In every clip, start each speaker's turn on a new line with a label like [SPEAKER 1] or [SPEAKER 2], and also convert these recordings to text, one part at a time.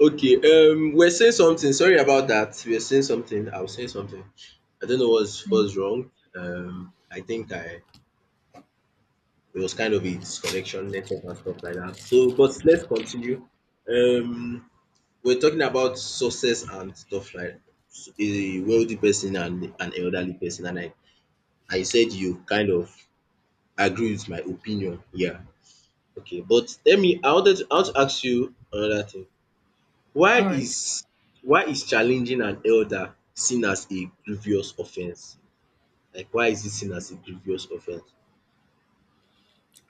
[SPEAKER 1] Okay, we're saying something. Sorry about that. We're saying something. I was saying something. I don't know what's
[SPEAKER 2] Yeah.
[SPEAKER 1] what's wrong. I think I it was kind of a disconnection, network and stuff like that. So, but let's continue. Um, we're talking about success and stuff like a wealthy person and an elderly person, and I said you kind of agree with my opinion. Yeah. Okay, but let me. I want to ask you another thing. Why
[SPEAKER 2] All right.
[SPEAKER 1] is why is challenging an elder seen as a grievous offense? Like why is it seen as a grievous offense?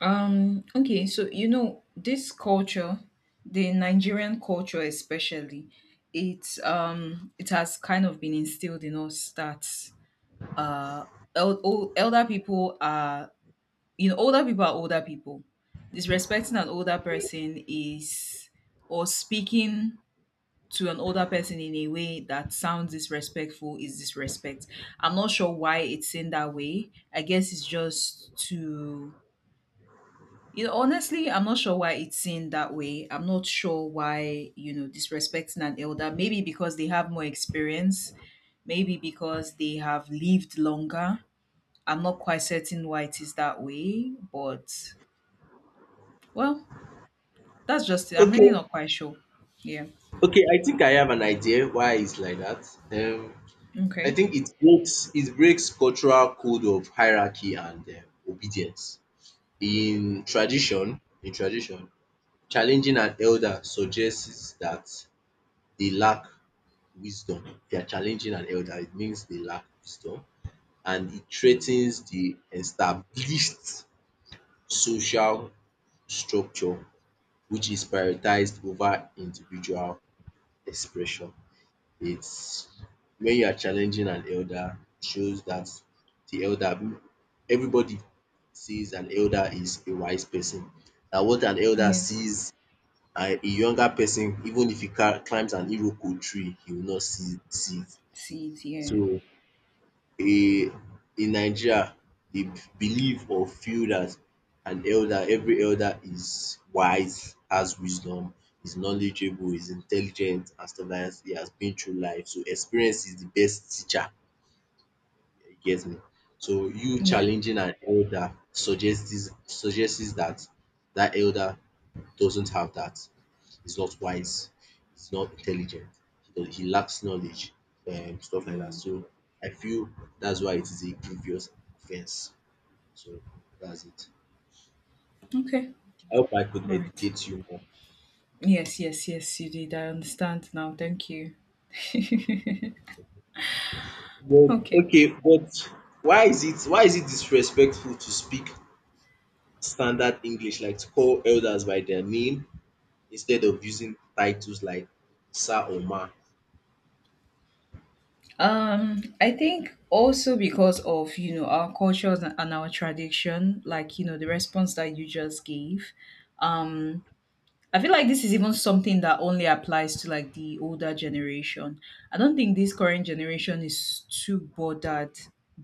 [SPEAKER 2] So this culture, the Nigerian culture especially, it has kind of been instilled in us that uh elder people are older people are older people. Disrespecting an older person is or speaking to an older person in a way that sounds disrespectful is disrespect. I'm not sure why it's in that way. I guess it's just to I'm not sure why it's seen that way. I'm not sure why, disrespecting an elder. Maybe because they have more experience, maybe because they have lived longer. I'm not quite certain why it is that way, but well, that's just it. I'm really
[SPEAKER 1] Okay,
[SPEAKER 2] not quite sure. Yeah.
[SPEAKER 1] okay, I think I have an idea why it's like that. I
[SPEAKER 2] Okay.
[SPEAKER 1] think it breaks cultural code of hierarchy and obedience. In tradition, challenging an elder suggests that they lack wisdom. If you are challenging an elder, it means they lack wisdom, and it
[SPEAKER 2] Mm.
[SPEAKER 1] threatens the established social structure, which is prioritized over individual expression. It's when you are challenging an elder, it shows that the elder everybody sees an elder is a wise person. That what an elder
[SPEAKER 2] Yeah.
[SPEAKER 1] sees a younger person, even if he ca climbs an iroko tree, he will not see it.
[SPEAKER 2] See it. Yeah.
[SPEAKER 1] So in in Nigeria, the believe or feel that an elder, every elder is wise, has wisdom, is knowledgeable, is intelligent and stuff like dat. He has been through life. So experience is the best teacher, you get me. So you
[SPEAKER 2] Yeah.
[SPEAKER 1] challenging an elder suggests that that elder doesn't have that, he's not wise, he's not intelligent, he, does, he lacks knowledge, and stuff like that.
[SPEAKER 2] Mm.
[SPEAKER 1] So I feel that's why it is a grievous offense. So that's it.
[SPEAKER 2] Okay.
[SPEAKER 1] I hope I could
[SPEAKER 2] All right.
[SPEAKER 1] educate you more.
[SPEAKER 2] Yes, yes, yes, you did. I understand now. Thank you.
[SPEAKER 1] But
[SPEAKER 2] Okay.
[SPEAKER 1] okay, but why is it disrespectful to speak standard English, like to call elders by their name instead of using titles like sir or ma?
[SPEAKER 2] I think also because of our cultures and our tradition, like the response that you just gave. Um, I feel like this is even something that only applies to like the older generation. I don't think this current generation is too bothered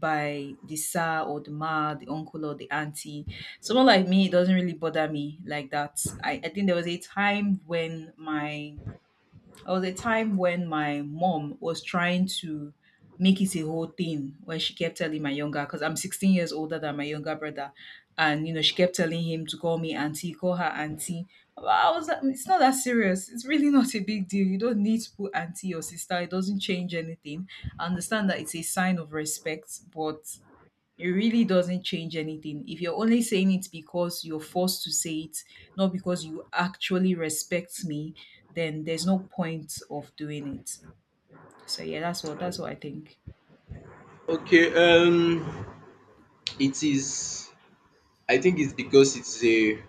[SPEAKER 2] by the sir or the ma, the uncle or the auntie. Someone like me, it doesn't really bother me like that. I think there was a time when my mom was trying to make it a whole thing when she kept telling my younger, because I'm 16 years older than my younger brother. And, she kept telling him to call me auntie, call her auntie. But I was like, it's not that serious. It's really not a big deal. You don't need to put auntie or sister. It doesn't change anything. I understand that it's a sign of respect, but it really doesn't change anything. If you're only saying it because you're forced to say it, not because you actually respect me, then there's no point of doing it. So yeah, that's what I think.
[SPEAKER 1] Okay, um, it is I think it's because it's a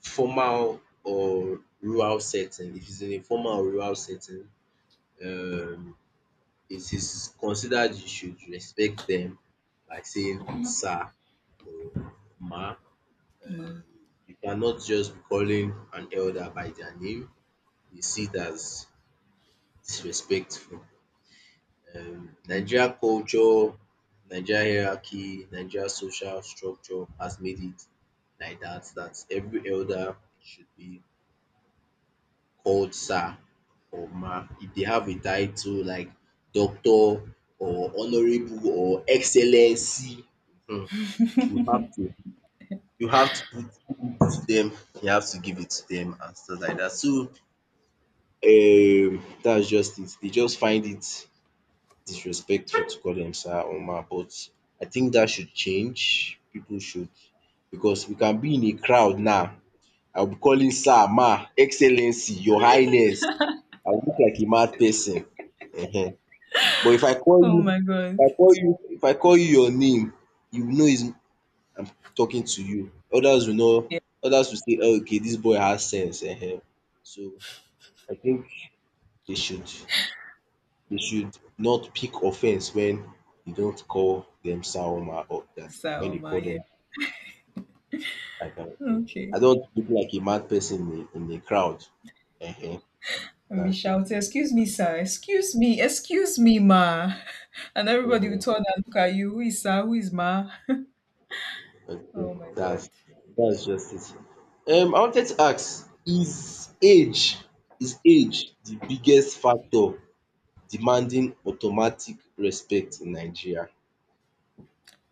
[SPEAKER 1] formal or rural setting. If it's in a formal or rural setting, um, it is considered you should respect them by saying sir or ma.
[SPEAKER 2] Mm.
[SPEAKER 1] You cannot just be calling an elder by their name. You see it as disrespectful. Nigeria culture, Nigeria hierarchy, Nigeria social structure has made it like that, that every elder should be called sir or ma. If they have a title like doctor or honorable or excellency, um you have to you have to put it to them, you have to give it to them and stuff like that. So that's just it. They just find it disrespectful to call them sir or ma, but I think that should change. People should, because we can be in a crowd now, I will be calling sir, ma, excellency, your highness, I will look like a mad person. Ehen. But
[SPEAKER 2] Oh my god.
[SPEAKER 1] if I call you your name, you will know it's I'm talking to you. Others will know,
[SPEAKER 2] Yeah,
[SPEAKER 1] others will say, "Oh, okay, this boy has sense." Ehen. So I think they should they should not pick offense when they don't call them Sawoma or that when
[SPEAKER 2] sir,
[SPEAKER 1] they
[SPEAKER 2] ma,
[SPEAKER 1] call them
[SPEAKER 2] yeah.
[SPEAKER 1] like I
[SPEAKER 2] Okay.
[SPEAKER 1] don't look like a mad person in a crowd. Ehen.
[SPEAKER 2] And we
[SPEAKER 1] That's what it
[SPEAKER 2] shouted,
[SPEAKER 1] is.
[SPEAKER 2] excuse me, sir, excuse me, ma. And everybody will
[SPEAKER 1] Ehen.
[SPEAKER 2] turn and look at you, who is sir, who is ma?
[SPEAKER 1] Okay,
[SPEAKER 2] Oh my
[SPEAKER 1] that's
[SPEAKER 2] god.
[SPEAKER 1] that's just it. I wanted to ask, is age the biggest factor demanding automatic respect in Nigeria?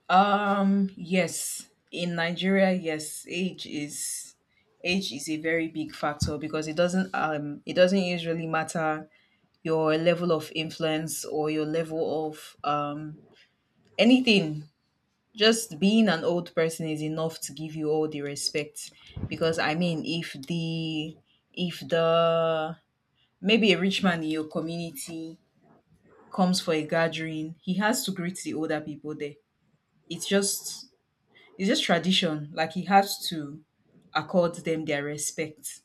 [SPEAKER 2] Yes, in Nigeria, yes, age is a very big factor because it doesn't usually matter your level of influence or your level of anything. Just being an old person is enough to give you all the respect because I mean if the maybe a rich man in your community comes for a gathering, he has to greet the older people there. It's just it's just tradition. Like he has to accord them their respect.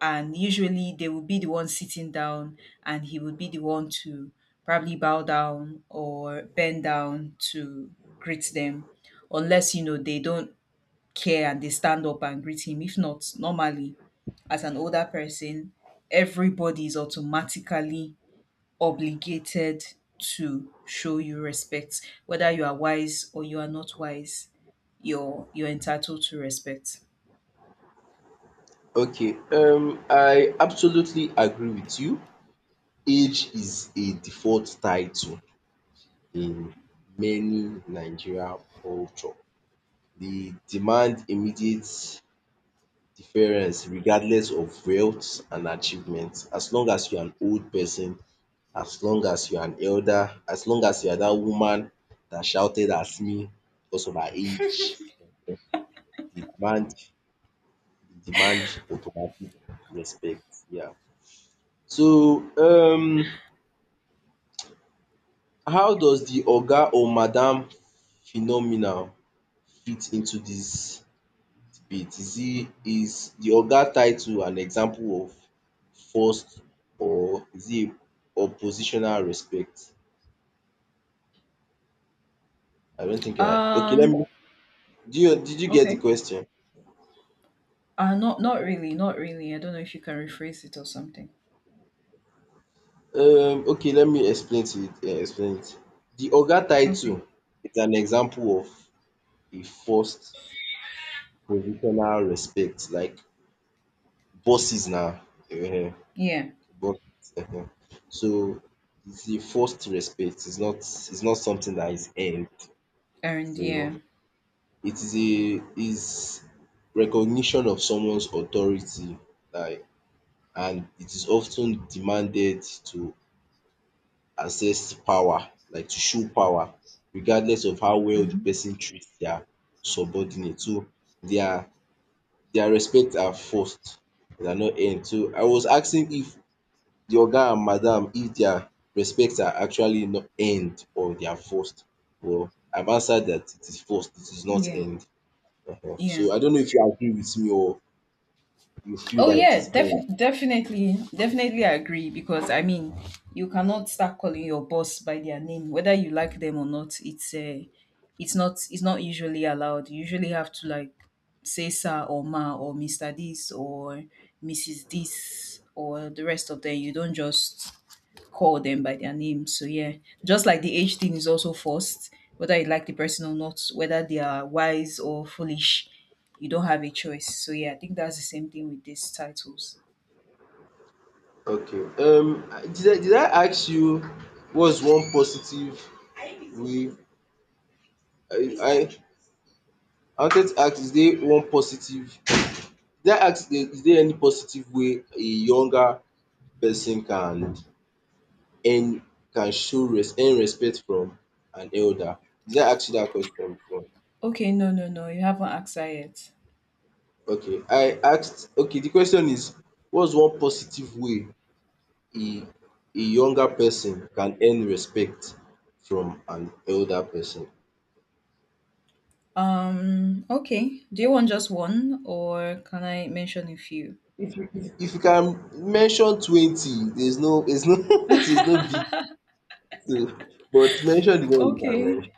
[SPEAKER 2] And usually they would be the one sitting down and he would be the one to probably bow down or bend down to greet them. Unless, they don't care and they stand up and greet him. If not, normally, as an older person, everybody is automatically obligated to show you respect. Whether you are wise or you are not wise, you're entitled to respect.
[SPEAKER 1] Okay, I absolutely agree with you. Age is a default title in many Nigeria culture. They demand immediate deference regardless of wealth and achievement. As long as you're an old person, as long as you are an elder, as long as you are that woman that shouted at me because of her age, they demand they demand automatic respect. Yeah. So how does the oga or madam phenomenon fit into this debate? Is the oga title an example of forced, or is it a or positional respect? I don't think I okay, let me
[SPEAKER 2] Um
[SPEAKER 1] do you did you get the
[SPEAKER 2] okay.
[SPEAKER 1] question?
[SPEAKER 2] Not really. I don't know if you can rephrase it or something.
[SPEAKER 1] Okay, let me explain it. The Oga title
[SPEAKER 2] Okay.
[SPEAKER 1] is an example of a forced positional respect like bosses now. Um
[SPEAKER 2] Yeah.
[SPEAKER 1] bosses um so it's a forced respect, it's not something that is earned.
[SPEAKER 2] And
[SPEAKER 1] So
[SPEAKER 2] yeah.
[SPEAKER 1] it is a is recognition of someone's authority, like, and it is often demanded to assess power, like to show power regardless of how well the
[SPEAKER 2] Hmm.
[SPEAKER 1] person treats their subordinate. So their their respect are first, they are not earned. So I was asking if the oga and madam, if their respect are actually not earned or they are forced. Well, I've answered that it is forced, it is not
[SPEAKER 2] Yeah.
[SPEAKER 1] earned. Ehen.
[SPEAKER 2] Yeah.
[SPEAKER 1] So I don't know if you agree with me or you feel
[SPEAKER 2] Oh
[SPEAKER 1] that it
[SPEAKER 2] yeah,
[SPEAKER 1] is earned.
[SPEAKER 2] definitely I agree because I mean, you cannot start calling your boss by their name whether you like them or not. It's not usually allowed. You usually have to like say sir or ma or Mr. this or Mrs. this or the rest of them. You don't just call them by their name. So yeah, just like the age thing is also forced, whether you like the person or not, whether they are wise or foolish, you don't have a choice. So yeah, I think that's the same thing with these titles.
[SPEAKER 1] Okay. Did I ask you what's one positive way I I I wanted to ask, is there one positive did I ask there- is there any positive way a younger person can earn, can show res earn respect from an elder? Did I ask you dat question before?
[SPEAKER 2] Okay, no, no, no, you haven't asked that yet.
[SPEAKER 1] Okay, I asked okay, the question is, what's one positive way a a younger person can earn respect from an elder person?
[SPEAKER 2] Okay. Do you want just one or can I mention a few?
[SPEAKER 1] If you can mention 20, there's no there's no big deal, but mention the one you can
[SPEAKER 2] Okay,
[SPEAKER 1] mention.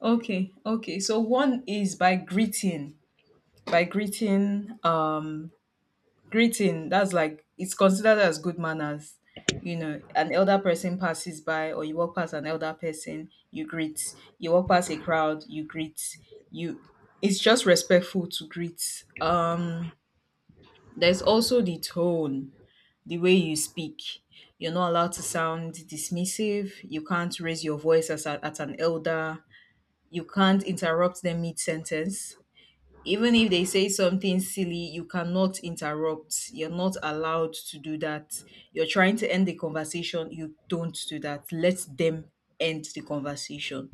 [SPEAKER 2] okay. So one is by greeting greeting, that's like, it's considered as good manners. You know, an elder person passes by or you walk past an elder person, you greet. You walk past a crowd, you greet. You, it's just respectful to greet. There's also the tone, the way you speak. You're not allowed to sound dismissive. You can't raise your voice as a, at an elder. You can't interrupt them mid sentence. Even if they say something silly, you cannot interrupt. You're not allowed to do that. You're trying to end the conversation, you don't do that. Let them end the conversation.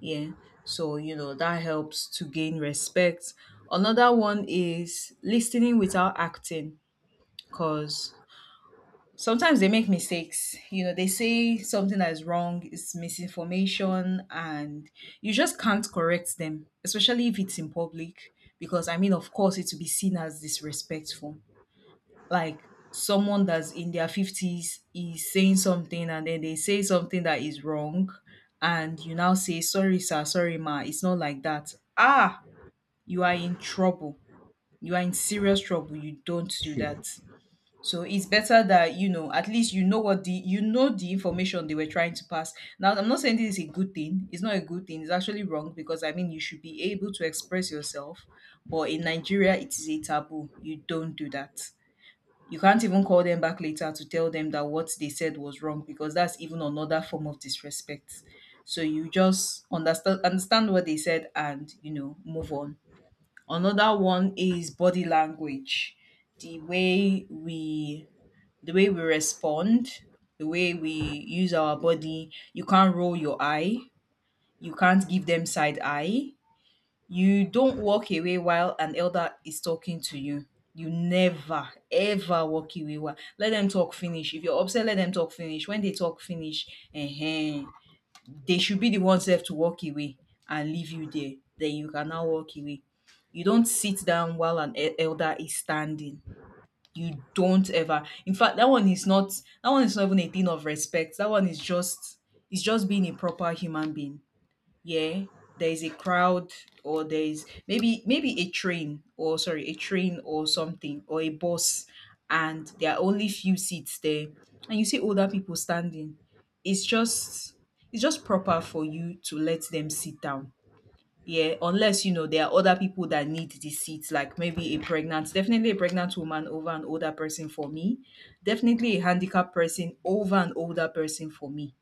[SPEAKER 2] Yeah, so that helps to gain respect. Another one is listening without acting, because sometimes they make mistakes. You know, they say something that is wrong, it's misinformation, and you just can't correct them, especially if it's in public. Because, I mean, of course, it will be seen as disrespectful. Like someone that's in their 50s is saying something, and then they say something that is wrong, and you now say, "Sorry, sir, sorry, ma, it's not like that." Ah, you are in trouble. You are in serious trouble. You don't do that. So it's better that at least what the, the information they were trying to pass. Now I'm not saying this is a good thing. It's not a good thing. It's actually wrong because I mean you should be able to express yourself, but in Nigeria it is a taboo. You don't do that. You can't even call them back later to tell them that what they said was wrong because that's even another form of disrespect. So you just understand what they said and move on. Another one is body language, the way we the way we respond, the way we use our body. You can't roll your eye, you can't give them side eye. You don't walk away while an elder is talking to you. You never ever walk away. Let them talk finish. If you're upset, let them talk finish. When they talk finish, uh they should be the ones left to walk away and leave you there. Then you can now walk away. You don't sit down while an elder is standing. You don't ever. In fact, that one is not even a thing of respect. That one is just it's just being a proper human being. Yeah. There is a crowd or there is maybe a train or sorry, a train or something or a bus, and there are only few seats there, and you see older people standing. It's just it's just proper for you to let them sit down. Yeah, unless there are other people that need the seat, like maybe a pregnant, definitely a pregnant woman over an older person for me, definitely a handicapped person over an older person for me.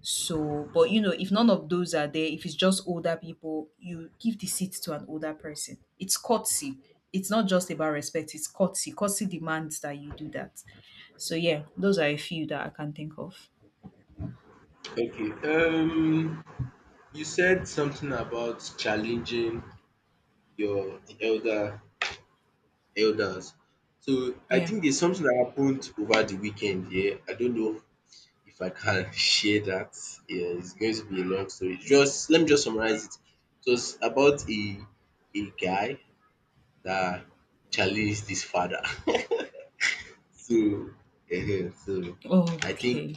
[SPEAKER 2] So, but if none of those are there, if it's just older people, you give the seat to an older person. It's courtesy. It's not just about respect, it's courtesy. Courtesy demands that you do that. So, yeah, those are a few that I can think of.
[SPEAKER 1] Okay. You said something about challenging your elders. So I
[SPEAKER 2] Yeah.
[SPEAKER 1] think there's something that happened over the weekend. Yeah, I don't know if I can share that. Yeah, it's going to be a long story. Just let me just summarize it. It was about a guy that challenged his father. so, uh, so
[SPEAKER 2] Oh,
[SPEAKER 1] I think
[SPEAKER 2] okay.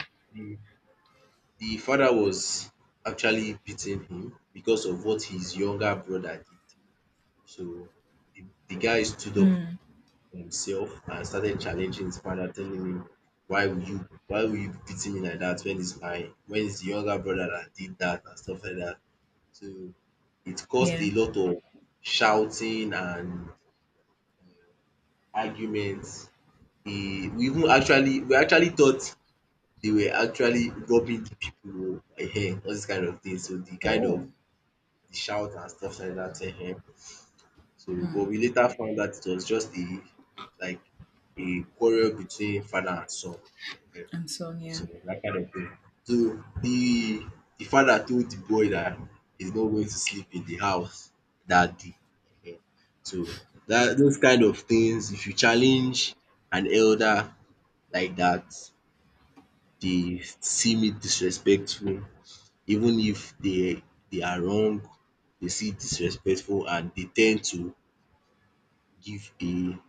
[SPEAKER 1] the father was actually beating him because of what his younger brother did. So the guy stood up
[SPEAKER 2] Mm,
[SPEAKER 1] for himself and started challenging his father, telling him, "Why will you be beating me like that when it's my when it's the younger brother that did that and stuff like that?" So it caused
[SPEAKER 2] yeah.
[SPEAKER 1] a lot of shouting and uh, arguments. He, we actually thought they were actually robbing the people, or, eh, all this kind of things. So the kind of
[SPEAKER 2] Oh.
[SPEAKER 1] shout and stuff like that. Him. So, but
[SPEAKER 2] Mm.
[SPEAKER 1] we later found that it was just a like a quarrel between father and son. Ehen.
[SPEAKER 2] And so, on, yeah.
[SPEAKER 1] So that kind of thing. So the father told the boy that he's not going to sleep in the house that day. Ehen. So that those kind of things, if you challenge an elder like that, they see me disrespectful. Even if they are wrong, they see disrespectful, and they tend to give a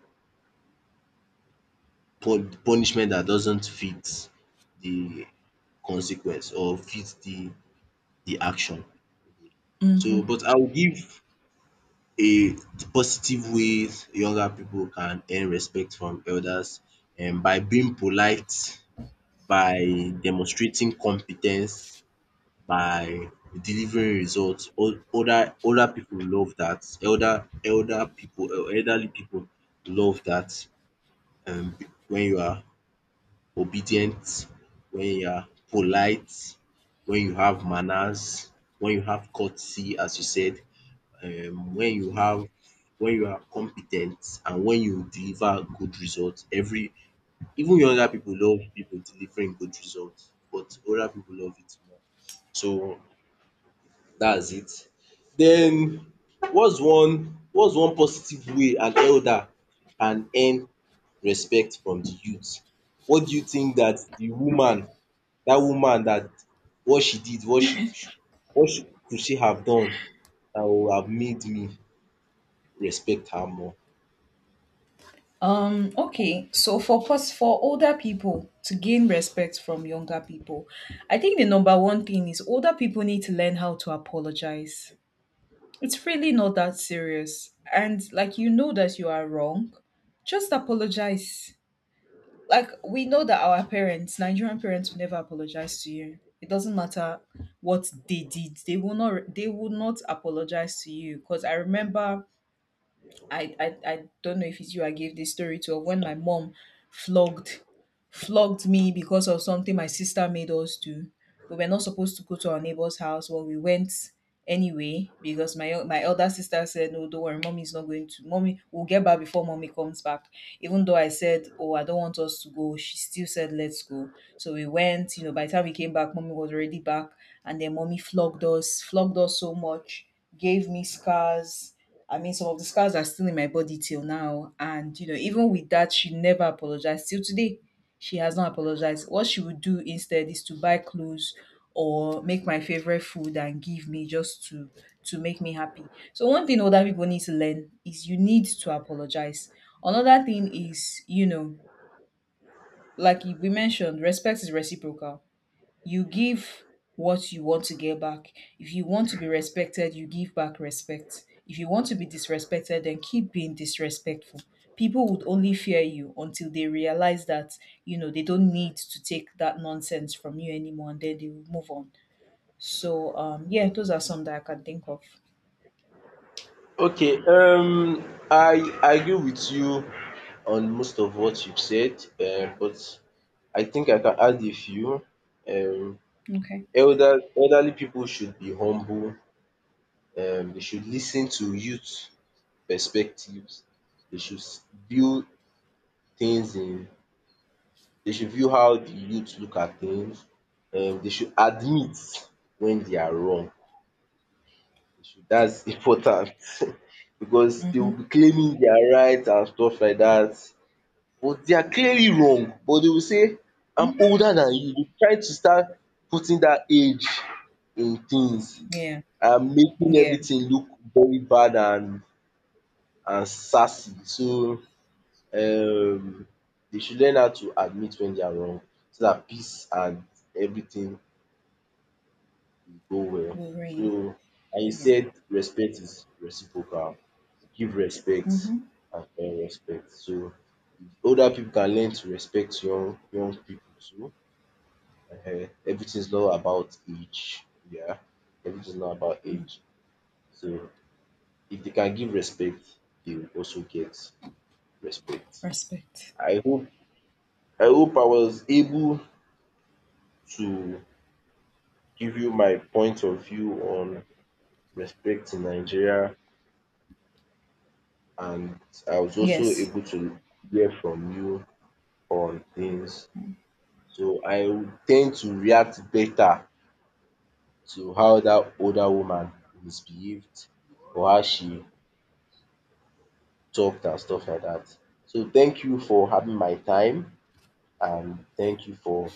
[SPEAKER 1] pu- punishment that doesn't fit the consequence or fit the action. So
[SPEAKER 2] Mhm.
[SPEAKER 1] but I will give a positive ways younger people can earn respect from elders, and by being polite, by demonstrating competence, by delivering results. Older people love that. Elderly people love that. um when you are obedient, when you are polite, when you have manners, when you have courtesy as you said, um when you have when you are competent, and when you deliver good results, every even younger people love people delivering good results, but older people love it more. So that's it. Then what's one positive way an elder can earn respect from the youth? What do you think that the woman that what she did what she what she could she have done that would have made me respect her more?
[SPEAKER 2] Okay, so for for older people to gain respect from younger people, I think the number one thing is older people need to learn how to apologize. It's really not that serious. And like you know that you are wrong, just apologize. Like we know that our parents, Nigerian parents will never apologize to you. It doesn't matter what they did. They will not apologize to you because I remember I don't know if it's you I gave this story to of when my mom flogged flogged me because of something my sister made us do. We were not supposed to go to our neighbor's house, but we went anyway because my elder sister said, "No, don't worry, mommy's not going to. Mommy, we'll get back before mommy comes back." Even though I said, "Oh, I don't want us to go," she still said, "Let's go." So we went. You know, by the time we came back, mommy was already back, and then mommy flogged us so much, gave me scars. I mean, some of the scars are still in my body till now. And, even with that, she never apologized. Till today, she has not apologized. What she would do instead is to buy clothes or make my favorite food and give me, just to make me happy. So one thing older people need to learn is you need to apologize. Another thing is, like we mentioned, respect is reciprocal. You give what you want to get back. If you want to be respected, you give back respect. If you want to be disrespected, then keep being disrespectful. People would only fear you until they realize that, they don't need to take that nonsense from you anymore, and then they will move on. So, yeah, those are some that I can think of.
[SPEAKER 1] Okay um I I agree with you on most of what you've said, but I think I can add a few. um
[SPEAKER 2] Okay.
[SPEAKER 1] Elderly people should be humble, dey should listen to youth perspectives, They should s- view things in they should view how the youth look at things, dey should admit when they are wrong. They should, that's important because they will
[SPEAKER 2] Mm-hmm.
[SPEAKER 1] be claiming they are right and stuff like that, but they are clearly wrong, but they will say I'm
[SPEAKER 2] Mm-hmm.
[SPEAKER 1] older than you, they try to start putting that age in things
[SPEAKER 2] Yeah.
[SPEAKER 1] and making
[SPEAKER 2] Yeah.
[SPEAKER 1] everything look very bad and sassy. So um they should learn how to admit when they are wrong so that peace and everything will go well.
[SPEAKER 2] Wolverine.
[SPEAKER 1] So, and you
[SPEAKER 2] Yeah.
[SPEAKER 1] said respect is reciprocal. Give respect
[SPEAKER 2] Mm-hmm.
[SPEAKER 1] and earn respect. So older people can learn to respect young people too. Ehen, everything is not about age. Yeah, everything is not about age. So if they can give respect, they will also get respect.
[SPEAKER 2] Respect.
[SPEAKER 1] I hope I hope I was able to give you my point of view on respect in Nigeria, and I was also
[SPEAKER 2] Yes.
[SPEAKER 1] able to hear from you on things. So I would tend to react better to how that older woman misbehaved or how she talked and stuff like that. So thank you for having my time and thank you for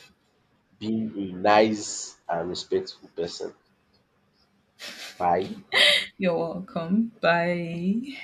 [SPEAKER 1] be a nice and respectful person. Bye.
[SPEAKER 2] You're welcome. Bye.